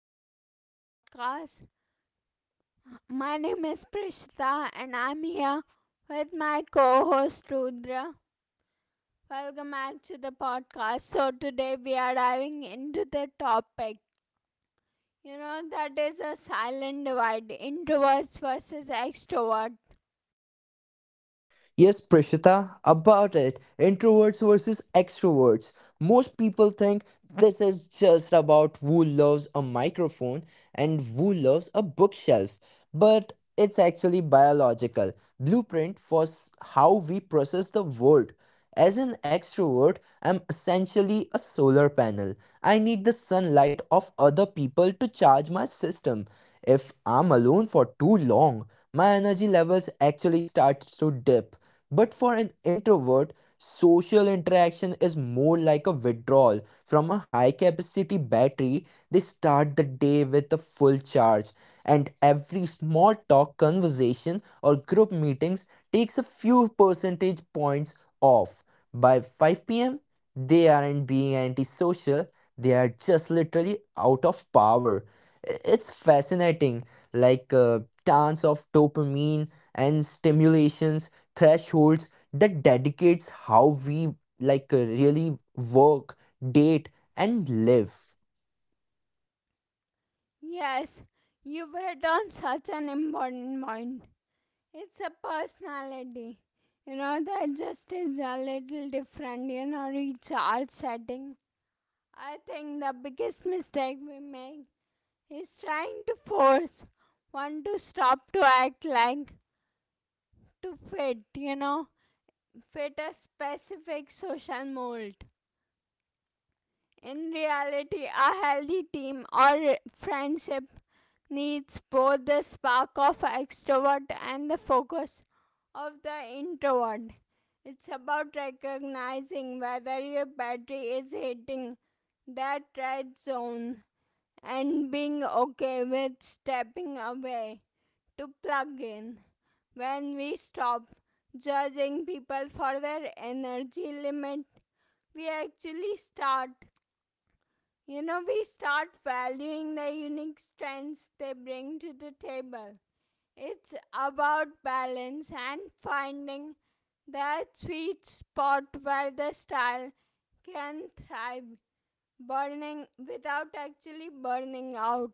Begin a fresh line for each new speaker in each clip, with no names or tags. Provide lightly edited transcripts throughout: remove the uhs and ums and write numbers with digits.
back to our podcast. My name is Prishita, and I'm here with my co host Rudra. Welcome back to the podcast. Today we are diving into the topic that is a silent divide, introverts versus extroverts.
Yes, Prishita, about it. Introverts versus extroverts. Most people think this is just about who loves a microphone and who loves a bookshelf, but it's actually biological blueprint for how we process the world. As an extrovert, I'm essentially a solar panel. I need the sunlight of other people to charge my system. If I'm alone for too long, my energy levels actually starts to dip but for an introvert, social interaction is more like a withdrawal from a high capacity battery. They start the day with a full charge, and every small talk, conversation, or group meetings takes a few percentage points off. By 5 p.m., they aren't being antisocial, they are just literally out of power. It's fascinating, like a dance of dopamine and stimulations thresholds that dedicates how we really work, date, and live.
Yes, you've hit on such an important point. It's a personality. That just is a little different, recharge setting. I think the biggest mistake we make is trying to force one to stop, to act like, to fit, fit a specific social mold. In reality, a healthy team or friendship needs both the spark of extrovert and the focus of the introvert. It's about recognizing whether your battery is hitting that red zone and being okay with stepping away to plug in. When we stop judging people for their energy limit, we actually start, you know, we start valuing the unique strengths they bring to the table. It's about balance and finding that sweet spot where the style can thrive, burning without actually burning out.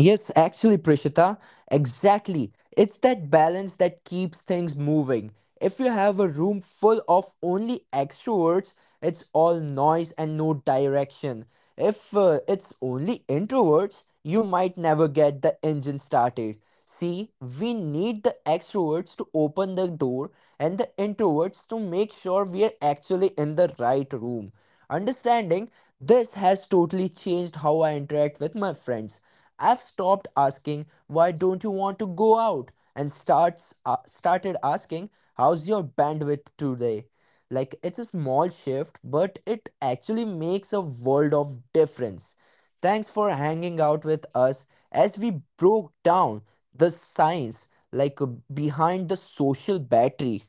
Yes, actually, Prishita, exactly, it's that balance that keeps things moving. If you have a room full of only extroverts, it's all noise and no direction. If it's only introverts, you might never get the engine started. See, we need the extroverts to open the door and the introverts to make sure we are actually in the right room. Understanding this has totally changed how I interact with my friends. I've stopped asking, why don't you want to go out? And started asking, how's your bandwidth today? Like, it's a small shift, but it actually makes a world of difference. Thanks for hanging out with us as we broke down the science behind the social battery.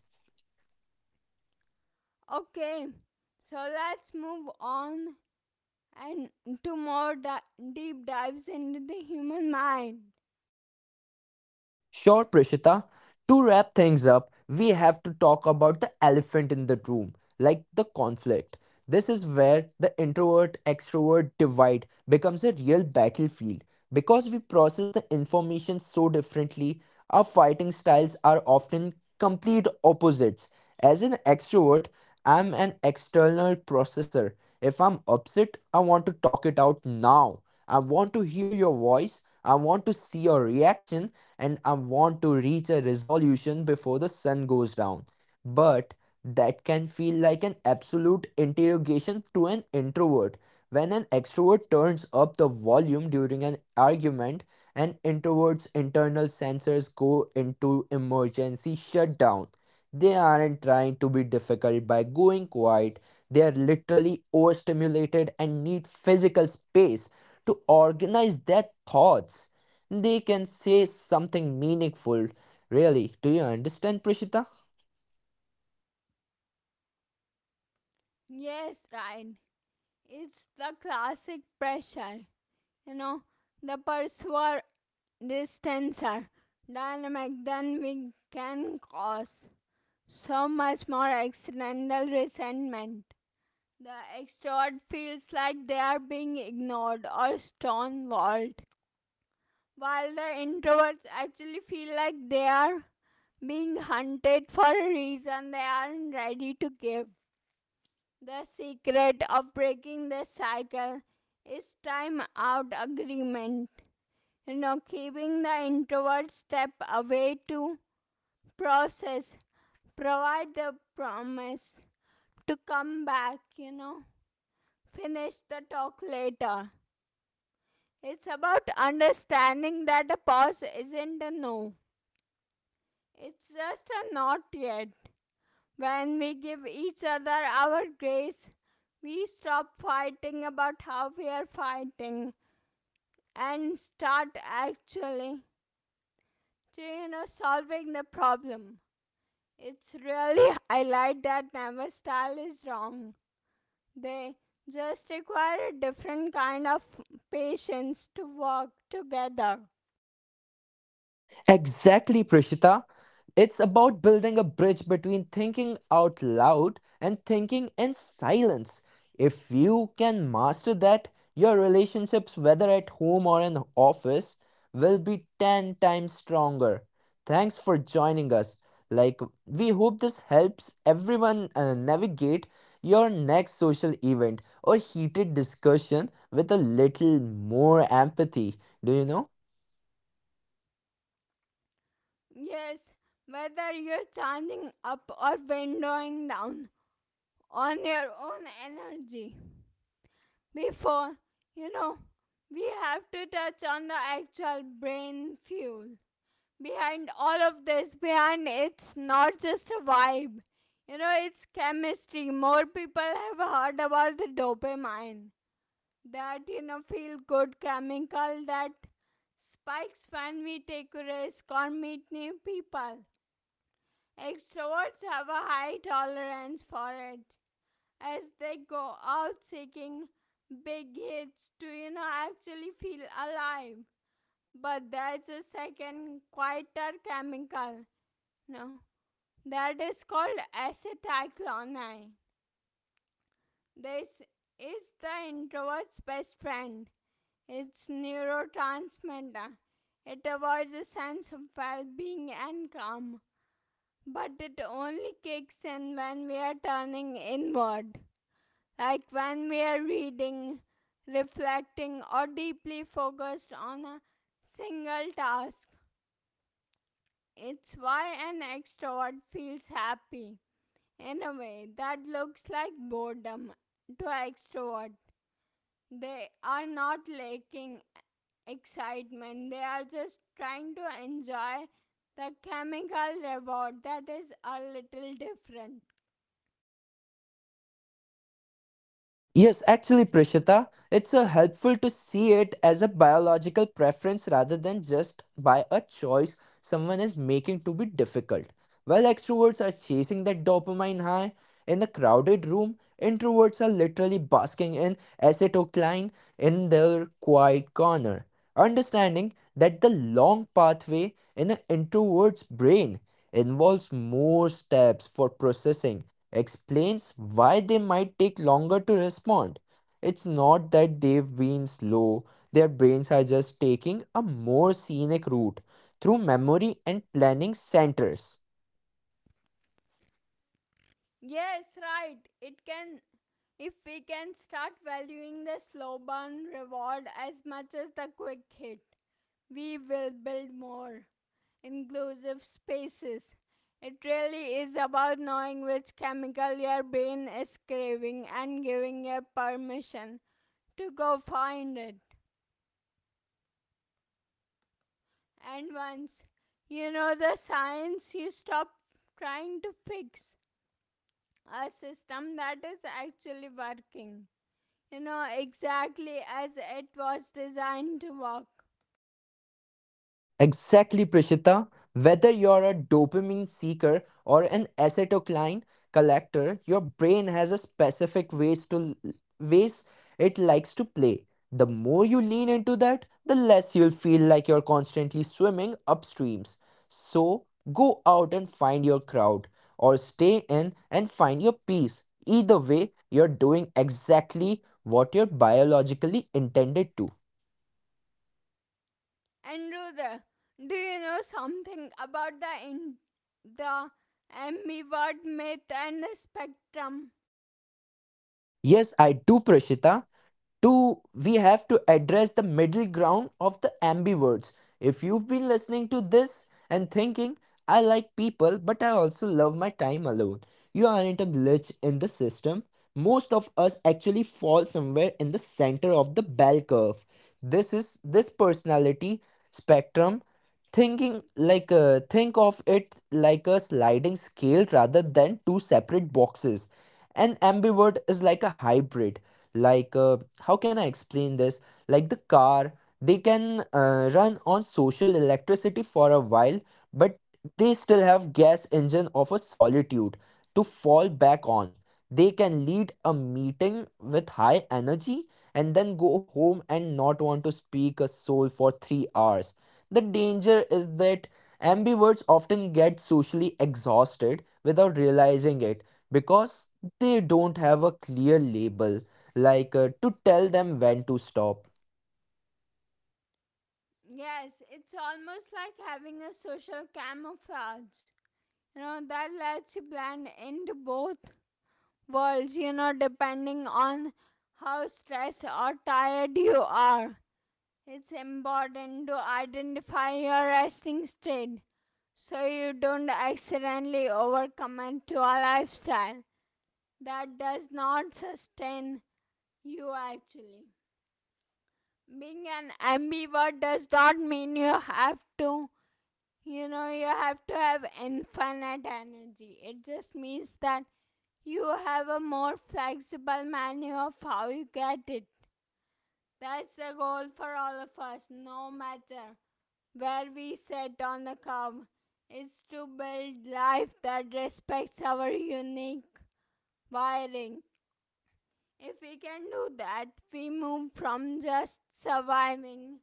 Okay, so let's move on and to more deep dives into the human mind.
Sure, Prishita. To wrap things up, we have to talk about the elephant in the room, like the conflict. This is where the introvert extrovert divide becomes a real battlefield. Because we process the information so differently, our fighting styles are often complete opposites. As an extrovert, I'm an external processor. If I'm upset, I want to talk it out now. I want to hear your voice. I want to see your reaction and I want to reach a resolution before the sun goes down. But that can feel like an absolute interrogation to an introvert. When an extrovert turns up the volume during an argument, an introvert's internal sensors go into emergency shutdown. They aren't trying to be difficult by going quiet. They are literally overstimulated and need physical space to organize their thoughts. They can say something meaningful. Really, do you understand, Prishita?
Yes, right. It's the classic pressure, you know, the pursuer, this tensor dynamic than we can cause. So much more accidental resentment. The extrovert feels like they are being ignored or stonewalled, while the introverts actually feel like they are being hunted for a reason they aren't ready to give. The secret of breaking this cycle is time out agreement. Keeping the introvert step away to process, provide the promise to come back, finish the talk later. It's about understanding that a pause isn't a no. It's just a not yet. When we give each other our grace, we stop fighting about how we are fighting and start actually, solving the problem. It's really highlight that never style is wrong. They just require a different kind of patience to work together.
Exactly, Prishita. It's about building a bridge between thinking out loud and thinking in silence. If you can master that, your relationships, whether at home or in office, will be 10 times stronger. Thanks for joining us. Like, we hope this helps everyone navigate your next social event or heated discussion with a little more empathy. Do you know?
Yes, whether you're charging up or windowing down on your own energy. Before, you know, we have to touch on the actual brain fuel. Behind all of this, behind, it's not just a vibe. It's chemistry. More people have heard about the dopamine. That, feel good chemical that spikes when we take risks or meet new people. Extroverts have a high tolerance for it as they go out taking big hits, do you know, actually feel alive. But there's a second quieter chemical, no, that is called acetyclonine. This is the introvert's best friend. It's neurotransmitter. It avoids a sense of well-being and calm, but it only kicks in when we are turning inward, like when we are reading, reflecting, or deeply focused on a single task. It's why an extrovert feels happy in a way that looks like boredom to extrovert. They are not lacking excitement, they are just trying to enjoy the chemical reward that is a little different.
Yes, actually, Prishita. It's helpful to see it as a biological preference rather than just by a choice someone is making to be difficult. While extroverts are chasing that dopamine high in the crowded room, introverts are literally basking in acetylcholine in their quiet corner. Understanding that the long pathway in an introvert's brain involves more steps for processing explains why they might take longer to respond. It's not that they've been slow, their brains are just taking a more scenic route through memory and planning centers.
Yes, right, it can. If we can start valuing the slow burn reward as much as the quick hit, we will build more inclusive spaces. It really is about knowing which chemical your brain is craving and giving your permission to go find it. And once you know the science, you stop trying to fix a system that is actually working, exactly as it was designed to work.
Exactly, Prishita. Whether you're a dopamine seeker or an acetylcholine collector, your brain has a specific ways it likes to play. The more you lean into that, the less you'll feel like you're constantly swimming upstreams. So go out and find your crowd, or stay in and find your peace. Either way, you're doing exactly what you're biologically intended to.
And Rudra, do you know something about the ambivert myth and the spectrum?
Yes, I do, Prashita. To We have to address the middle ground of the ambiverts. If you've been listening to this and thinking, I like people but I also love my time alone, you aren't a glitch in the system. Most of us actually fall somewhere in the center of the bell curve. This is this personality spectrum thinking, think of it like a sliding scale rather than two separate boxes. And ambivert is like a hybrid. How can I explain this? Like the car, they can run on social electricity for a while, but they still have gas engine of a solitude to fall back on. They can lead a meeting with high energy and then go home and not want to speak a soul for 3 hours. The danger is that ambiverts often get socially exhausted without realizing it because they don't have a clear label to tell them when to stop.
Yes, it's almost like having a social camouflage. That lets you blend into both worlds, depending on how stressed or tired you are. It's important to identify your resting state so you don't accidentally overcommit to a lifestyle that does not sustain you actually. Being an ambivert does not mean you have to, have infinite energy. It just means that you have a more flexible menu of how you get it. That's the goal for all of us, no matter where we sit on the curb, is to build life that respects our unique wiring. If we can do that, we move from just surviving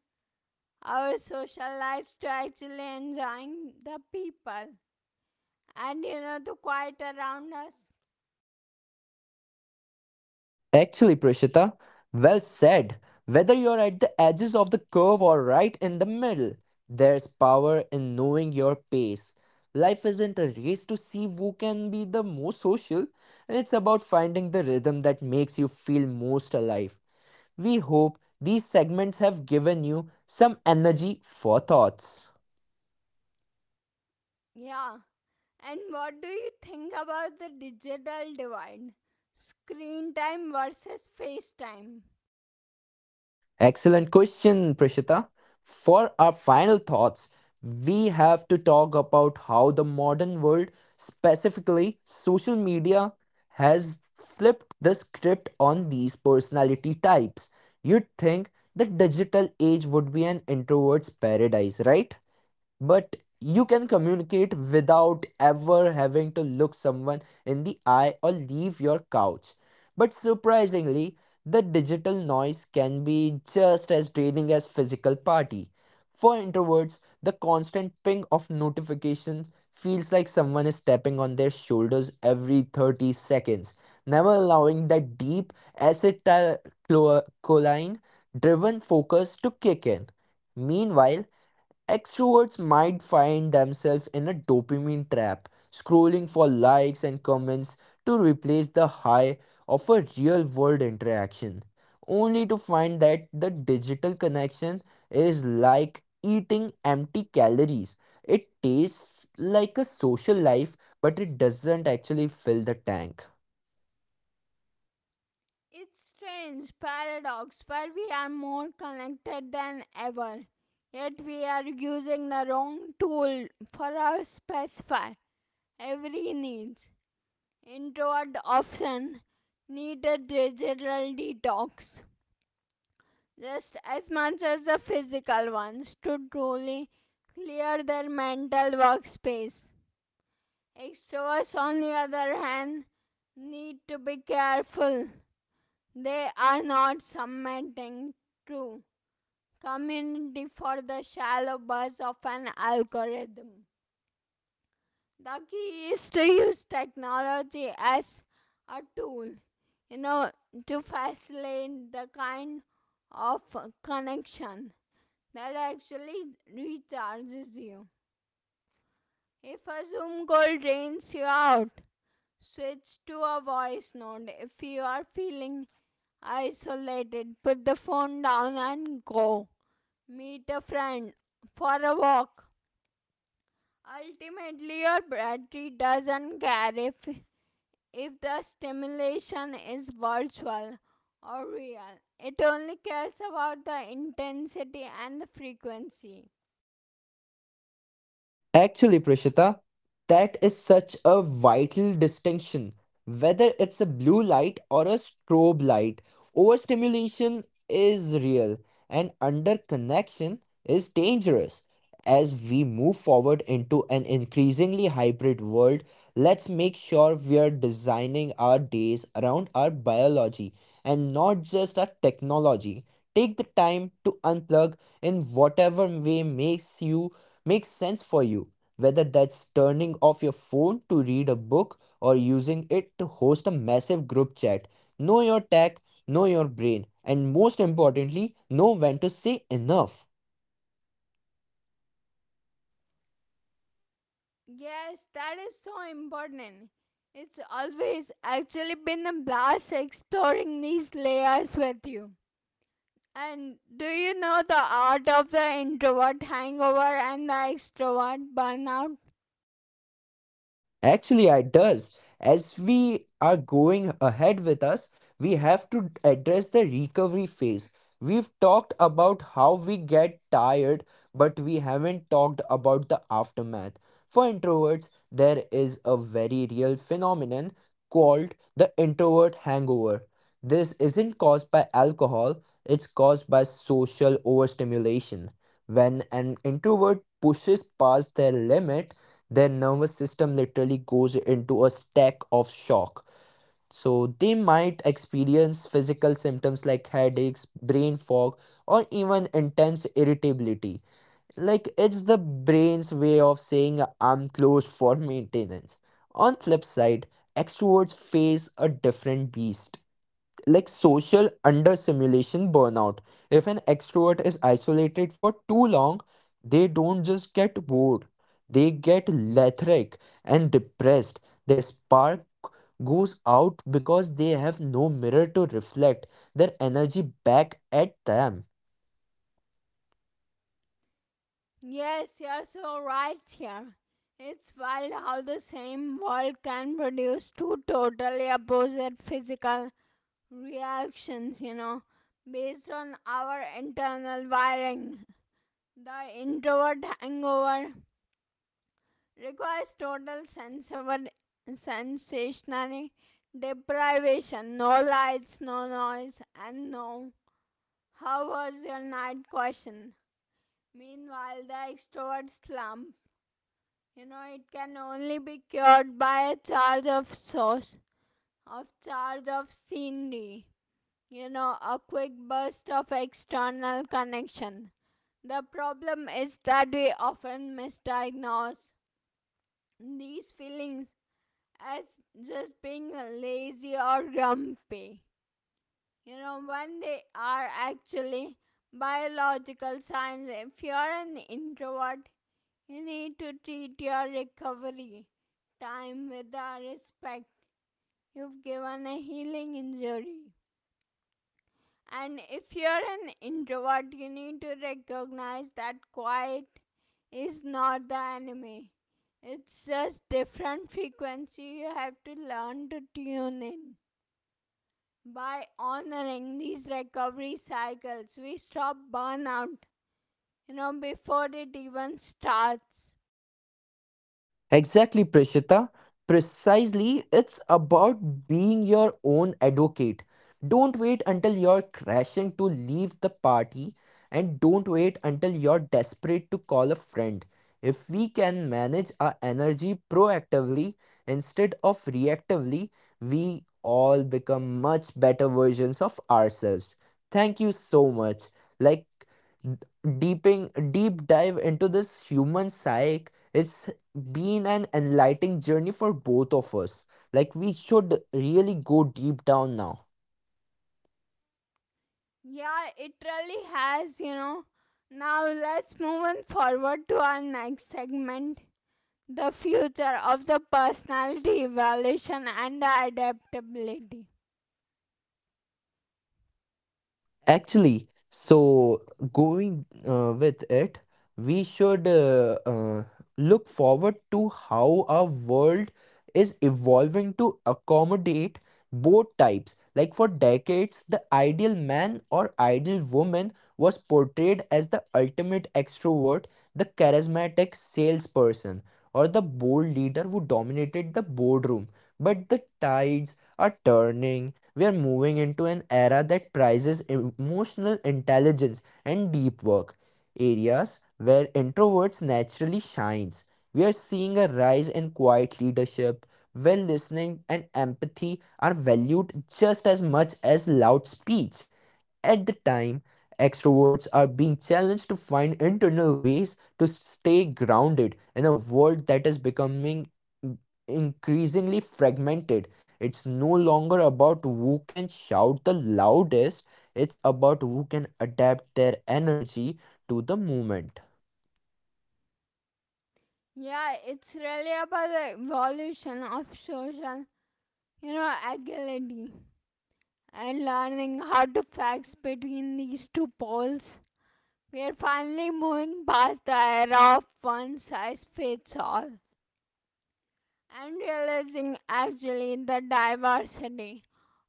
our social lives to actually enjoying the people and, you know, the quiet around us.
Actually, Prashita, well said. Whether you're at the edges of the curve or right in the middle, there's power in knowing your pace. Life isn't a race to see who can be the most social, it's about finding the rhythm that makes you feel most alive. We hope these segments have given you some energy for thoughts.
Yeah. And what do you think about the digital divide? Screen time versus face time.
Excellent question, Prishita. For our final thoughts, we have to talk about how the modern world, specifically social media, has flipped the script on these personality types. You'd think the digital age would be an introvert's paradise, right? But you can communicate without ever having to look someone in the eye or leave your couch. But surprisingly, the digital noise can be just as draining as physical party. For introverts, the constant ping of notifications feels like someone is tapping on their shoulders every 30 seconds, never allowing that deep acetylcholine driven focus to kick in. Meanwhile, extroverts might find themselves in a dopamine trap, scrolling for likes and comments to replace the high of a real world interaction, only to find that the digital connection is like eating empty calories. It tastes like a social life, but it doesn't actually fill the tank.
It's strange paradox where we are more connected than ever, yet we are using the wrong tool for our specify every needs. Introvert often needed digital detox just as much as the physical ones to truly clear their mental workspace. Extroverts, on the other hand, need to be careful. They are not submitting to community for the shallow buzz of an algorithm. The key is to use technology as a tool, you know, to facilitate the kind of connection that actually recharges you. If a Zoom call drains you out, switch to a voice note. If you are feeling isolated, put the phone down and go meet a friend for a walk. Ultimately, your battery doesn't care if the stimulation is virtual or real. It only cares about the intensity and the frequency.
Actually, Prishita, that is such a vital distinction. Whether it's a blue light or a strobe light, overstimulation is real and underconnection is dangerous. As we move forward into an increasingly hybrid world, let's make sure we are designing our days around our biology and not just our technology. Take the time to unplug in whatever way makes sense for you, whether that's turning off your phone to read a book or using it to host a massive group chat. Know your tech, know your brain, and most importantly, know when to say enough.
Yes, that is so important. It's always actually been a blast exploring these layers with you. And do you know the art of the introvert hangover and the extrovert burnout?
Actually, it does. As we are going ahead with us, we have to address the recovery phase. We've talked about how we get tired, but we haven't talked about the aftermath. For introverts, there is a very real phenomenon called the introvert hangover. This isn't caused by alcohol, it's caused by social overstimulation. When an introvert pushes past their limit, their nervous system literally goes into a stack of shock. So they might experience physical symptoms like headaches, brain fog, or even intense irritability. Like it's the brain's way of saying I'm closed for maintenance. On flip side, extroverts face a different beast like social under simulation burnout. If an extrovert is isolated for too long, they don't just get bored, they get lethargic and depressed. Their spark goes out because they have no mirror to reflect their energy back at them.
Yes, you're so right here. It's wild how the same world can produce two totally opposite physical reactions, based on our internal wiring. The introvert hangover requires total sensory, sensationary deprivation, no lights, no noise, and no how was your night question. Meanwhile, the extrovert slump, it can only be cured by a charge of sauce, of charge of scenery. A quick burst of external connection. The problem is that we often misdiagnose these feelings as just being lazy or grumpy, you know, when they are actually biological signs. If you're an introvert, you need to treat your recovery time with the respect you've given a healing injury. And if you're an introvert, you need to recognize that quiet is not the enemy, it's just different frequency you have to learn to tune in. By honoring these recovery cycles, we stop burnout, before it even starts.
Exactly, Prishita. Precisely, it's about being your own advocate. Don't wait until you're crashing to leave the party, and don't wait until you're desperate to call a friend. If we can manage our energy proactively instead of reactively, we all become much better versions of ourselves. Thank you so much. Like, deeping deep dive into this human psyche it's been an enlightening journey for both of us. Like, we should really go deep down now.
Yeah, it really has, you know. Now let's move on forward to our next segment, the future of the personality evaluation and the adaptability.
Actually, so going with it, we should look forward to how our world is evolving to accommodate both types. Like for decades, the ideal man or ideal woman was portrayed as the ultimate extrovert, the charismatic salesperson, or the bold leader who dominated the boardroom. But the tides are turning. We are moving into an era that prizes emotional intelligence and deep work, areas where introverts naturally shines. We are seeing a rise in quiet leadership, where listening and empathy are valued just as much as loud speech. At the time, extroverts are being challenged to find internal ways to stay grounded in a world that is becoming increasingly fragmented. It's no longer about who can shout the loudest, it's about who can adapt their energy to the moment.
Yeah, it's really about the evolution of social, agility and learning how to flex between these two poles. We are finally moving past the era of one size fits all and realizing actually the diversity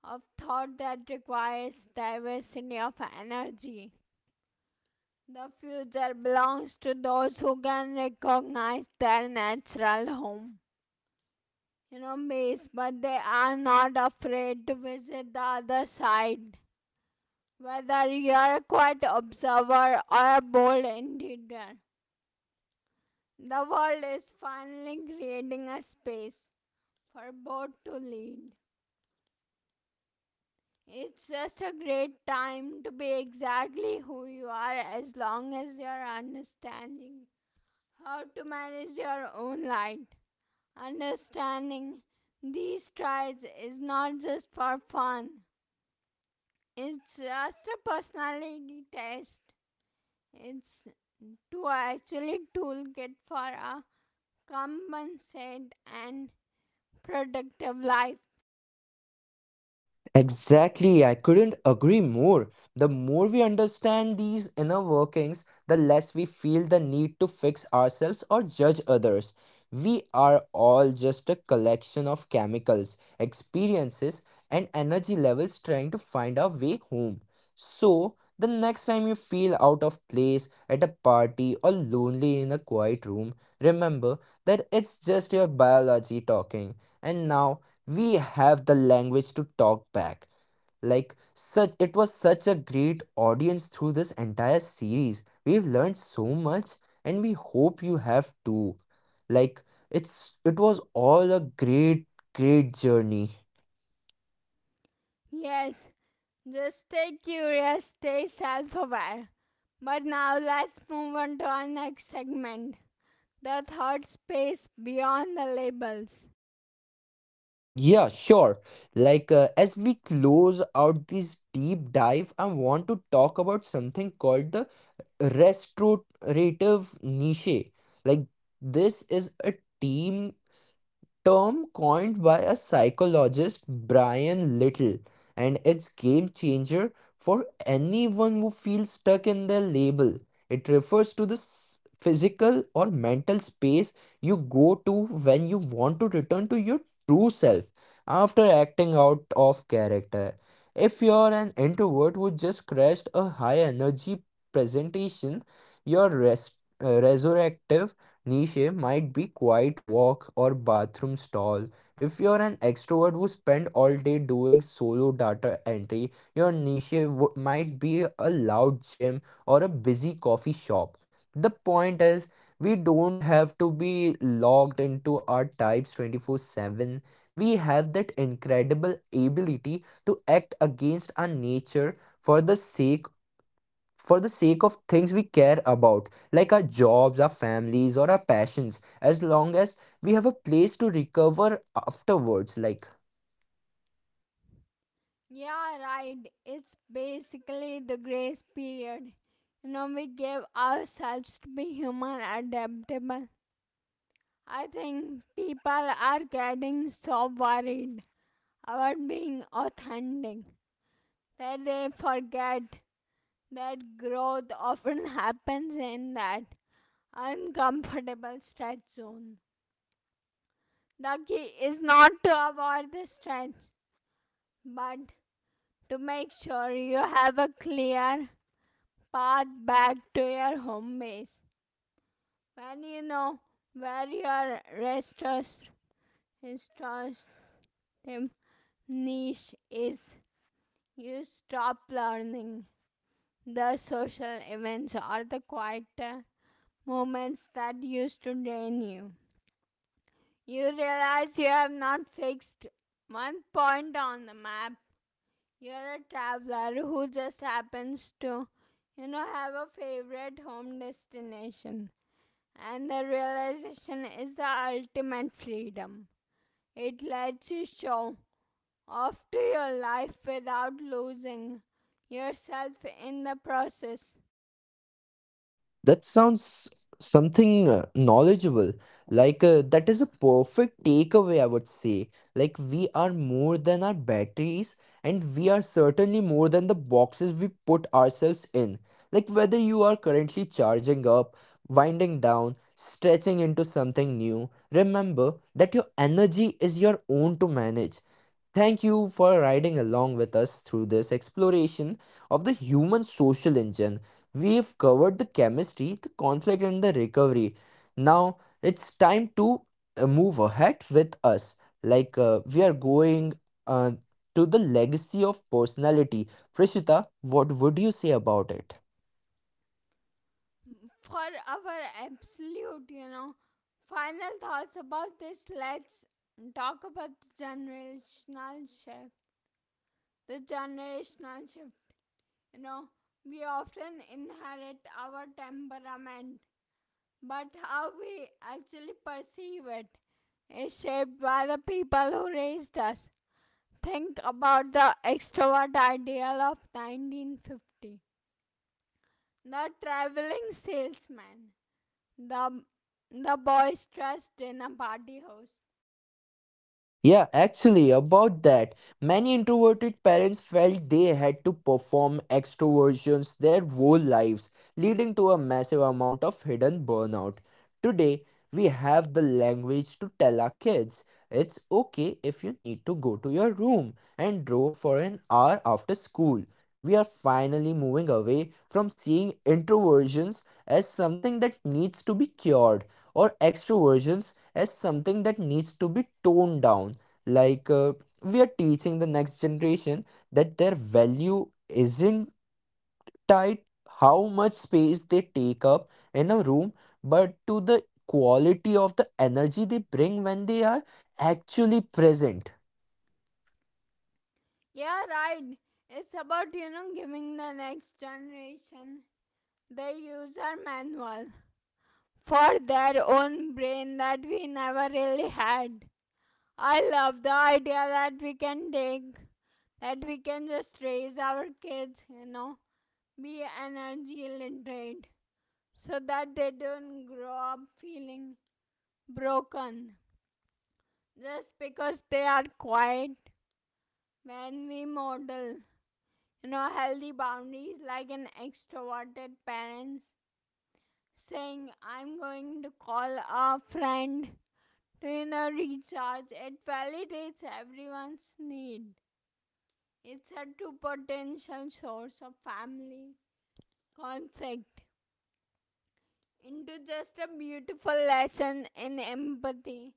of thought that requires diversity of energy. The future belongs to those who can recognize their natural home, base, but they are not afraid to visit the other side. Whether you are a quiet observer or a bold intruder, the world is finally creating a space for both to lead. It's just a great time to be exactly who you are as long as you're understanding how to manage your own light. Understanding these strides is not just for fun, it's just a personality test. It's to actually toolkit for a compensate and productive life.
Exactly, I couldn't agree more. The more we understand these inner workings, the less we feel the need to fix ourselves or judge others. We are all just a collection of chemicals, experiences, and energy levels trying to find our way home. So, the next time you feel out of place at a party or lonely in a quiet room, remember that it's just your biology talking. And now, we have the language to talk back. Like such it was such a great audience. Through this entire series we've learned so much, and we hope you have too. Like it's it was all a great journey.
Yes, just stay curious, stay self aware. But now let's move on to our next segment, the third space beyond the labels.
Yeah, sure. As we close out this deep dive, I want to talk about something called the restorative niche. Like this is a team term coined by a psychologist, Brian Little, and it's game changer for anyone who feels stuck in their label. It refers to the physical or mental space you go to when you want to return to your true self after acting out of character. If you're an introvert who just crashed a high energy presentation, your resurrective niche might be quiet walk or bathroom stall. If you're an extrovert who spend all day doing solo data entry, your niche might be a loud gym or a busy coffee shop. The point is, we don't have to be locked into our types 24/7. We have that incredible ability to act against our nature for the sake for the sake of things we care about, like our jobs, our families, or our passions, as long as we have a place to recover afterwards. Like,
Yeah, right, it's basically the grace period. We give ourselves to be human adaptable. I think people are getting so worried about being authentic that they forget that growth often happens in that uncomfortable stretch zone. The key is not to avoid the stretch, but to make sure you have a clear path back to your home base. When you know where your restorative niche is, you stop learning the social events or the quieter moments that used to drain you. You realize you have not fixed one point on the map. You're a traveler who just happens to, have a favorite home destination. And the realization is the ultimate freedom. It lets you show off to your life without losing yourself in the process.
that sounds something knowledgeable. That is a perfect takeaway, I would say. Like we are more than our batteries, and we are certainly more than the boxes we put ourselves in. Like whether you are currently charging up, winding down, stretching into something new, remember that your energy is your own to manage. Thank you for riding along with us through this exploration of the human social engine. We've covered the chemistry, the conflict, and the recovery. Now it's time to move ahead with us. We are going uh, to the legacy of personality. Prishita, what would you say about it?
For our absolute, final thoughts about this, let's talk about the generational shift. The generational shift, you know, we often inherit our temperament, but how we actually perceive it is shaped by the people who raised us. Think about the extrovert ideal of 1950, the traveling salesman, The the boys trust in a party host.
Yeah, actually, about that, many introverted parents felt they had to perform extroversions their whole lives, leading to a massive amount of hidden burnout. Today, we have the language to tell our kids it's okay if you need to go to your room and draw for an hour after school. We are finally moving away from seeing introversions as something that needs to be cured, or extroversions as something that needs to be toned down. like uh, we are teaching the next generation that their value isn't tied how much space they take up in a room, but to the quality of the energy they bring when they are actually present.
Yeah, right. It's about, you know, giving the next generation the user manual for their own brain that we never really had. I love the idea that we can just raise our kids, be energy literate so that they don't grow up feeling broken just because they are quiet. When we model, healthy boundaries like an extroverted parents saying, I'm going to call a friend to, recharge, it validates everyone's need. It's a true potential source of family conflict into just a beautiful lesson in empathy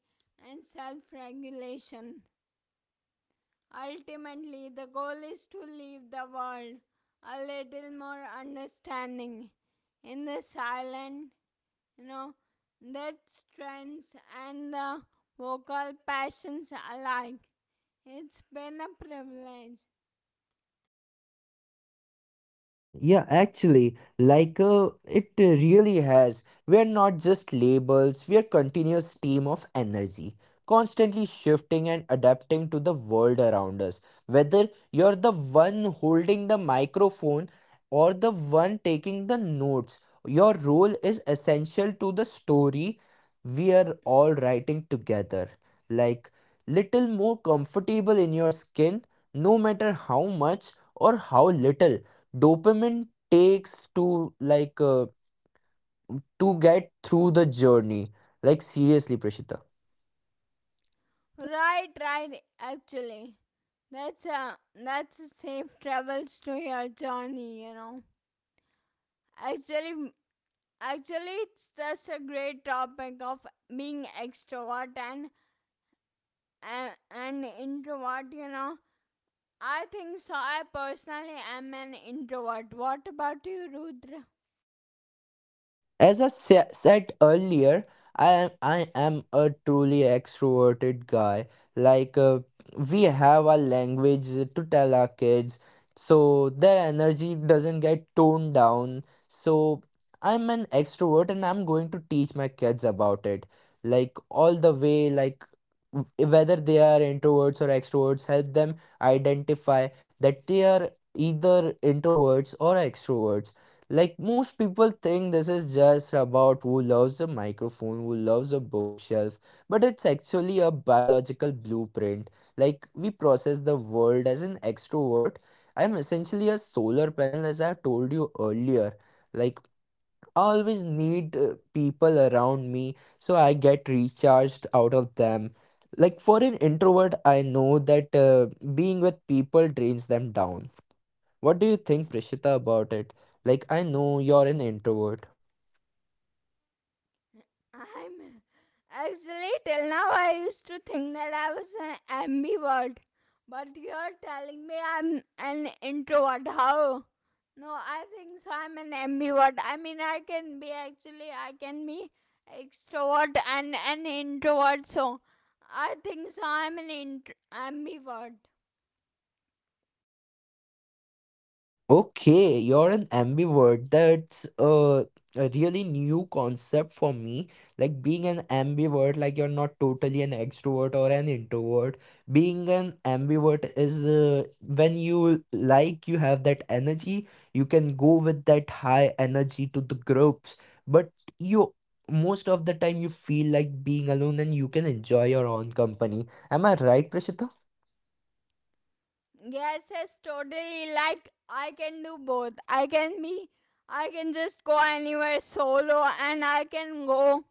and self regulation. Ultimately, the goal is to leave the world a little more understanding in the silent, you know, that strengths and the vocal passions alike. It's been a privilege.
Yeah, actually, like it really has. We're not just labels, we're continuous stream of energy, constantly shifting and adapting to the world around us. Whether you're the one holding the microphone or the one taking the notes, your role is essential to the story we are all writing together. Like little more comfortable in your skin, no matter how much or how little dopamine takes to to get through the journey, like, seriously, Prashita.
Right, right, actually. That's a that's a safe travels to your journey, you know. Actually actually it's just a great topic of being extrovert and am an introvert, you know. I think so. I personally am an introvert. What about you, Rudra?
As I said earlier, I am a truly extroverted guy. Like uh, we have our language to tell our kids, so their energy doesn't get toned down. So I'm an extrovert, and I'm going to teach my kids about it. Like all the way, like whether they are introverts or extroverts, help them identify that they are either introverts or extroverts. Like most people think this is just about who loves the microphone, who loves a bookshelf, but it's actually a biological blueprint. Like we process the world as an extrovert. I'm essentially a solar panel, as I told you earlier. Like I always need people around me, so I get recharged out of them. Like for an introvert, I know that being with people drains them down. What do you think, Prishita, about it? Like, I know you're an introvert.
I'm actually till now I used to think that I was an ambivert, but you're telling me I'm an introvert. How? No, I think so. I'm an ambivert. I mean, I can be actually, I can be extrovert and an introvert. So, I think so. Ambivert.
Okay, you're an ambivert. That's a really new concept for me. Like, being an ambivert, like, you're not totally an extrovert or an introvert. Being an ambivert is when you like, you have that energy, you can go with that high energy to the groups, but you most of the time you feel like being alone and you can enjoy your own company. Am I right, Prashita?
Yes, yes, totally. Like I can do both. I can be I can just go anywhere solo and I can go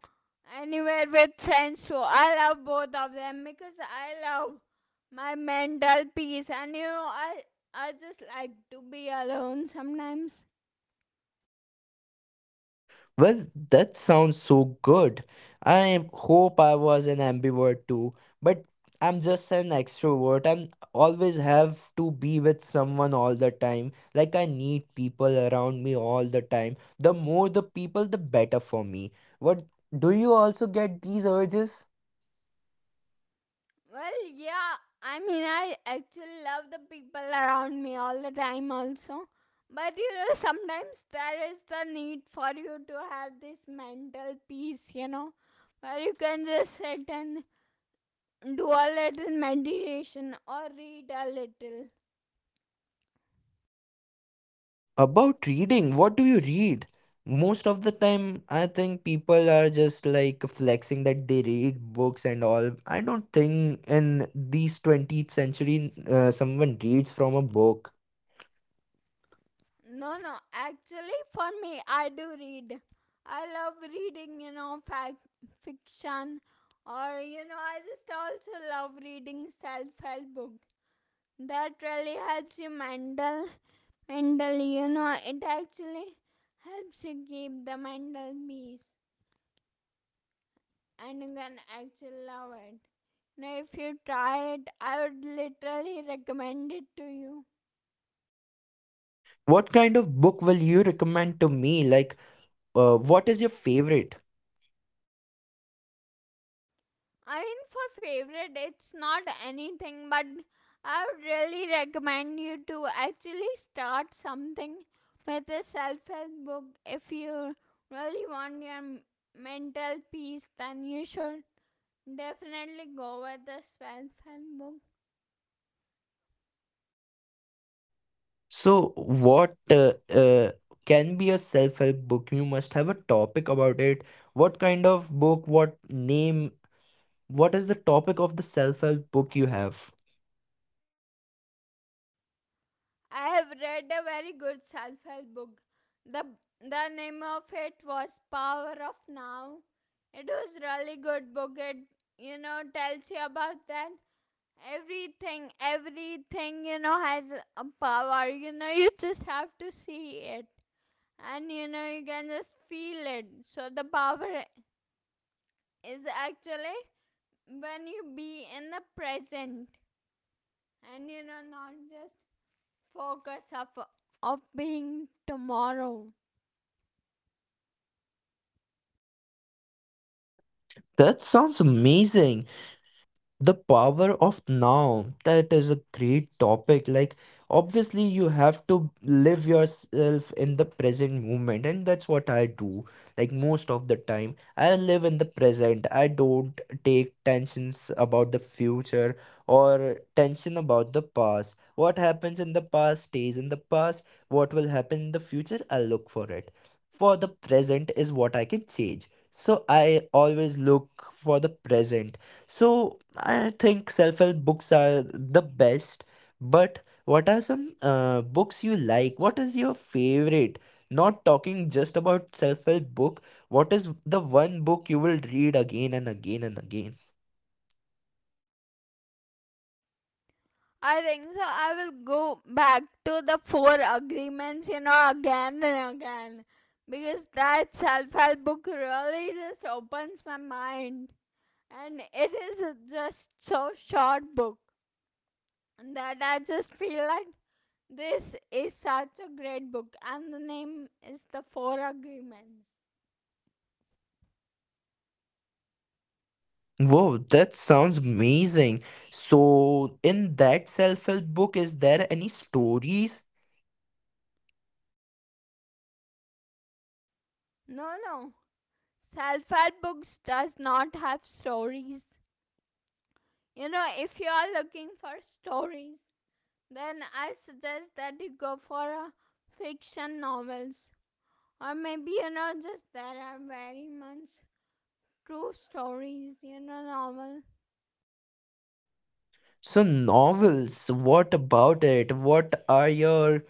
anywhere with friends too. I love both of them because I love my mental peace, and you know, I just like to be alone sometimes.
Well, that sounds so good. I hope I was an ambivert too, but I'm just an extrovert. I'm always have to be with someone all the time. Like I need people around me all the time. The more the people, the better for me. What, do you also get these urges?
Well, yeah. I mean, I actually love the people around me all the time, also. But you know, sometimes there is the need for you to have this mental peace, you know, where you can just sit and do a little meditation or read a little.
About reading, what do you read? Most of the time, I think people are just like flexing that they read books and all. I don't think in these 20th century someone reads from a book.
No, no, actually, for me, I do read. I love reading, you know, fact, fiction, or you know, I just also love reading self help books that really helps you mentally, you know, it actually helps you keep the mental peace, and you can actually love it. You know, if you try it, I would literally recommend it to you.
What kind of book will you recommend to me? Like, what is your favorite?
I mean, for favorite it's not anything, but I would really recommend you to actually start something with a self-help book. If you really want your mental peace, then you should definitely go with the self-help book.
So, what can be a self-help book? You must have a topic about it. What kind of book? What name? What is the topic of the self-help book you have?
I have read a very good self-help book. The the name of it was Power of Now. It was really good book. It, you know, tells you about that everything, you know, has a power. You know, you just have to see it, and you know, you can just feel it. So the power is actually when you be in the present, and you know, not just focus of being tomorrow.
That sounds amazing. The power of now, that is a great topic. Like obviously you have to live yourself in the present moment, and that's what I do. Like most of the time I live in the present. I don't take tensions about the future or tension about the past. What happens in the past stays in the past. What will happen in the future, I'll look for it. For the present is what I can change, so I always look for the present. So I think self-help books are the best, but what are some books you like? What is your favorite? Not talking just about self-help book, what is the one book you will read again and again and again?
I think so. I will go back to the Four Agreements, you know, again and again. Because that self help book really just opens my mind. And it is just so short book that I just feel like this is such a great book. And the name is The Four Agreements.
Whoa, that sounds amazing. So in that self-help book, is there any stories?
No, no. Self help books does not have stories. You know, if you are looking for stories, then I suggest that you go for fiction novels. Or maybe, you know, just there are very much true stories, you know, novel.
So novels, what about it? What are your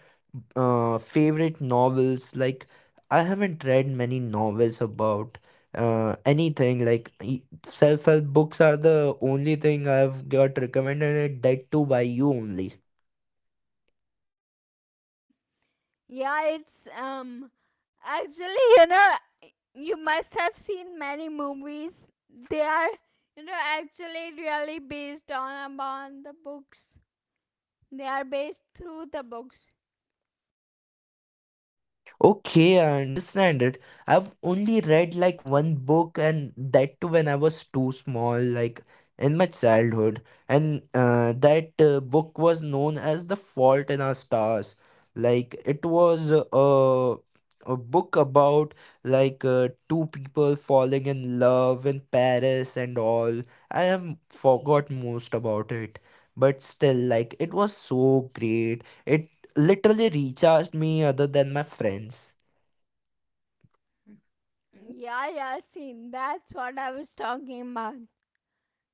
favorite novels? Like I haven't read many novels about anything. Like self-help books are the only thing I've got recommended, and that too by you only.
Yeah, it's, actually, you know, you must have seen many movies. They are, you know, actually really based on upon the books. They are based through the books.
Okay, I understand it. I've only read like one book, and that too when I was too small, like in my childhood. And that book was known as The Fault in Our Stars. Like it was a book about two people falling in love in Paris and all. I have forgot most about it, but still, like it was so great. It literally recharged me other than my friends.
Yeah, yeah, seen. That's what I was talking about.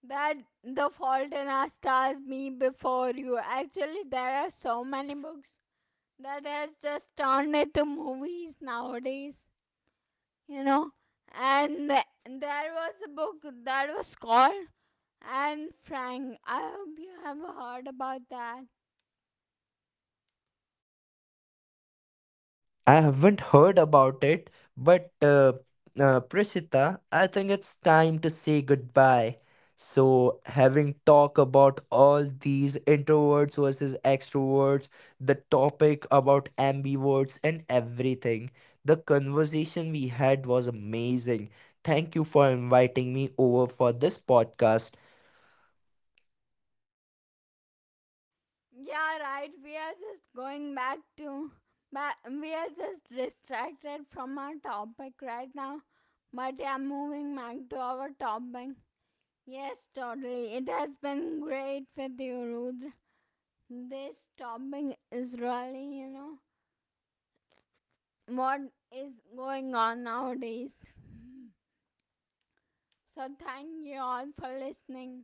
That the Fault in Our Stars, Me Before You, actually there are so many books that has just turned into movies nowadays, you know. and th- there was a book that was called Anne Frank. I hope you have heard about that.
I haven't heard about it, but Prishita, I think it's time to say goodbye. So, having talked about all these introverts versus extroverts, the topic about ambiverts and everything, the conversation we had was amazing. Thank you for inviting me over for this podcast.
Yeah, right. We are just going back to, but we are just distracted from our topic right now. But yeah, moving back to our topic. Yes, totally. It has been great with you, Rudra. This topic is really, you know, what is going on nowadays. So, thank you all for listening.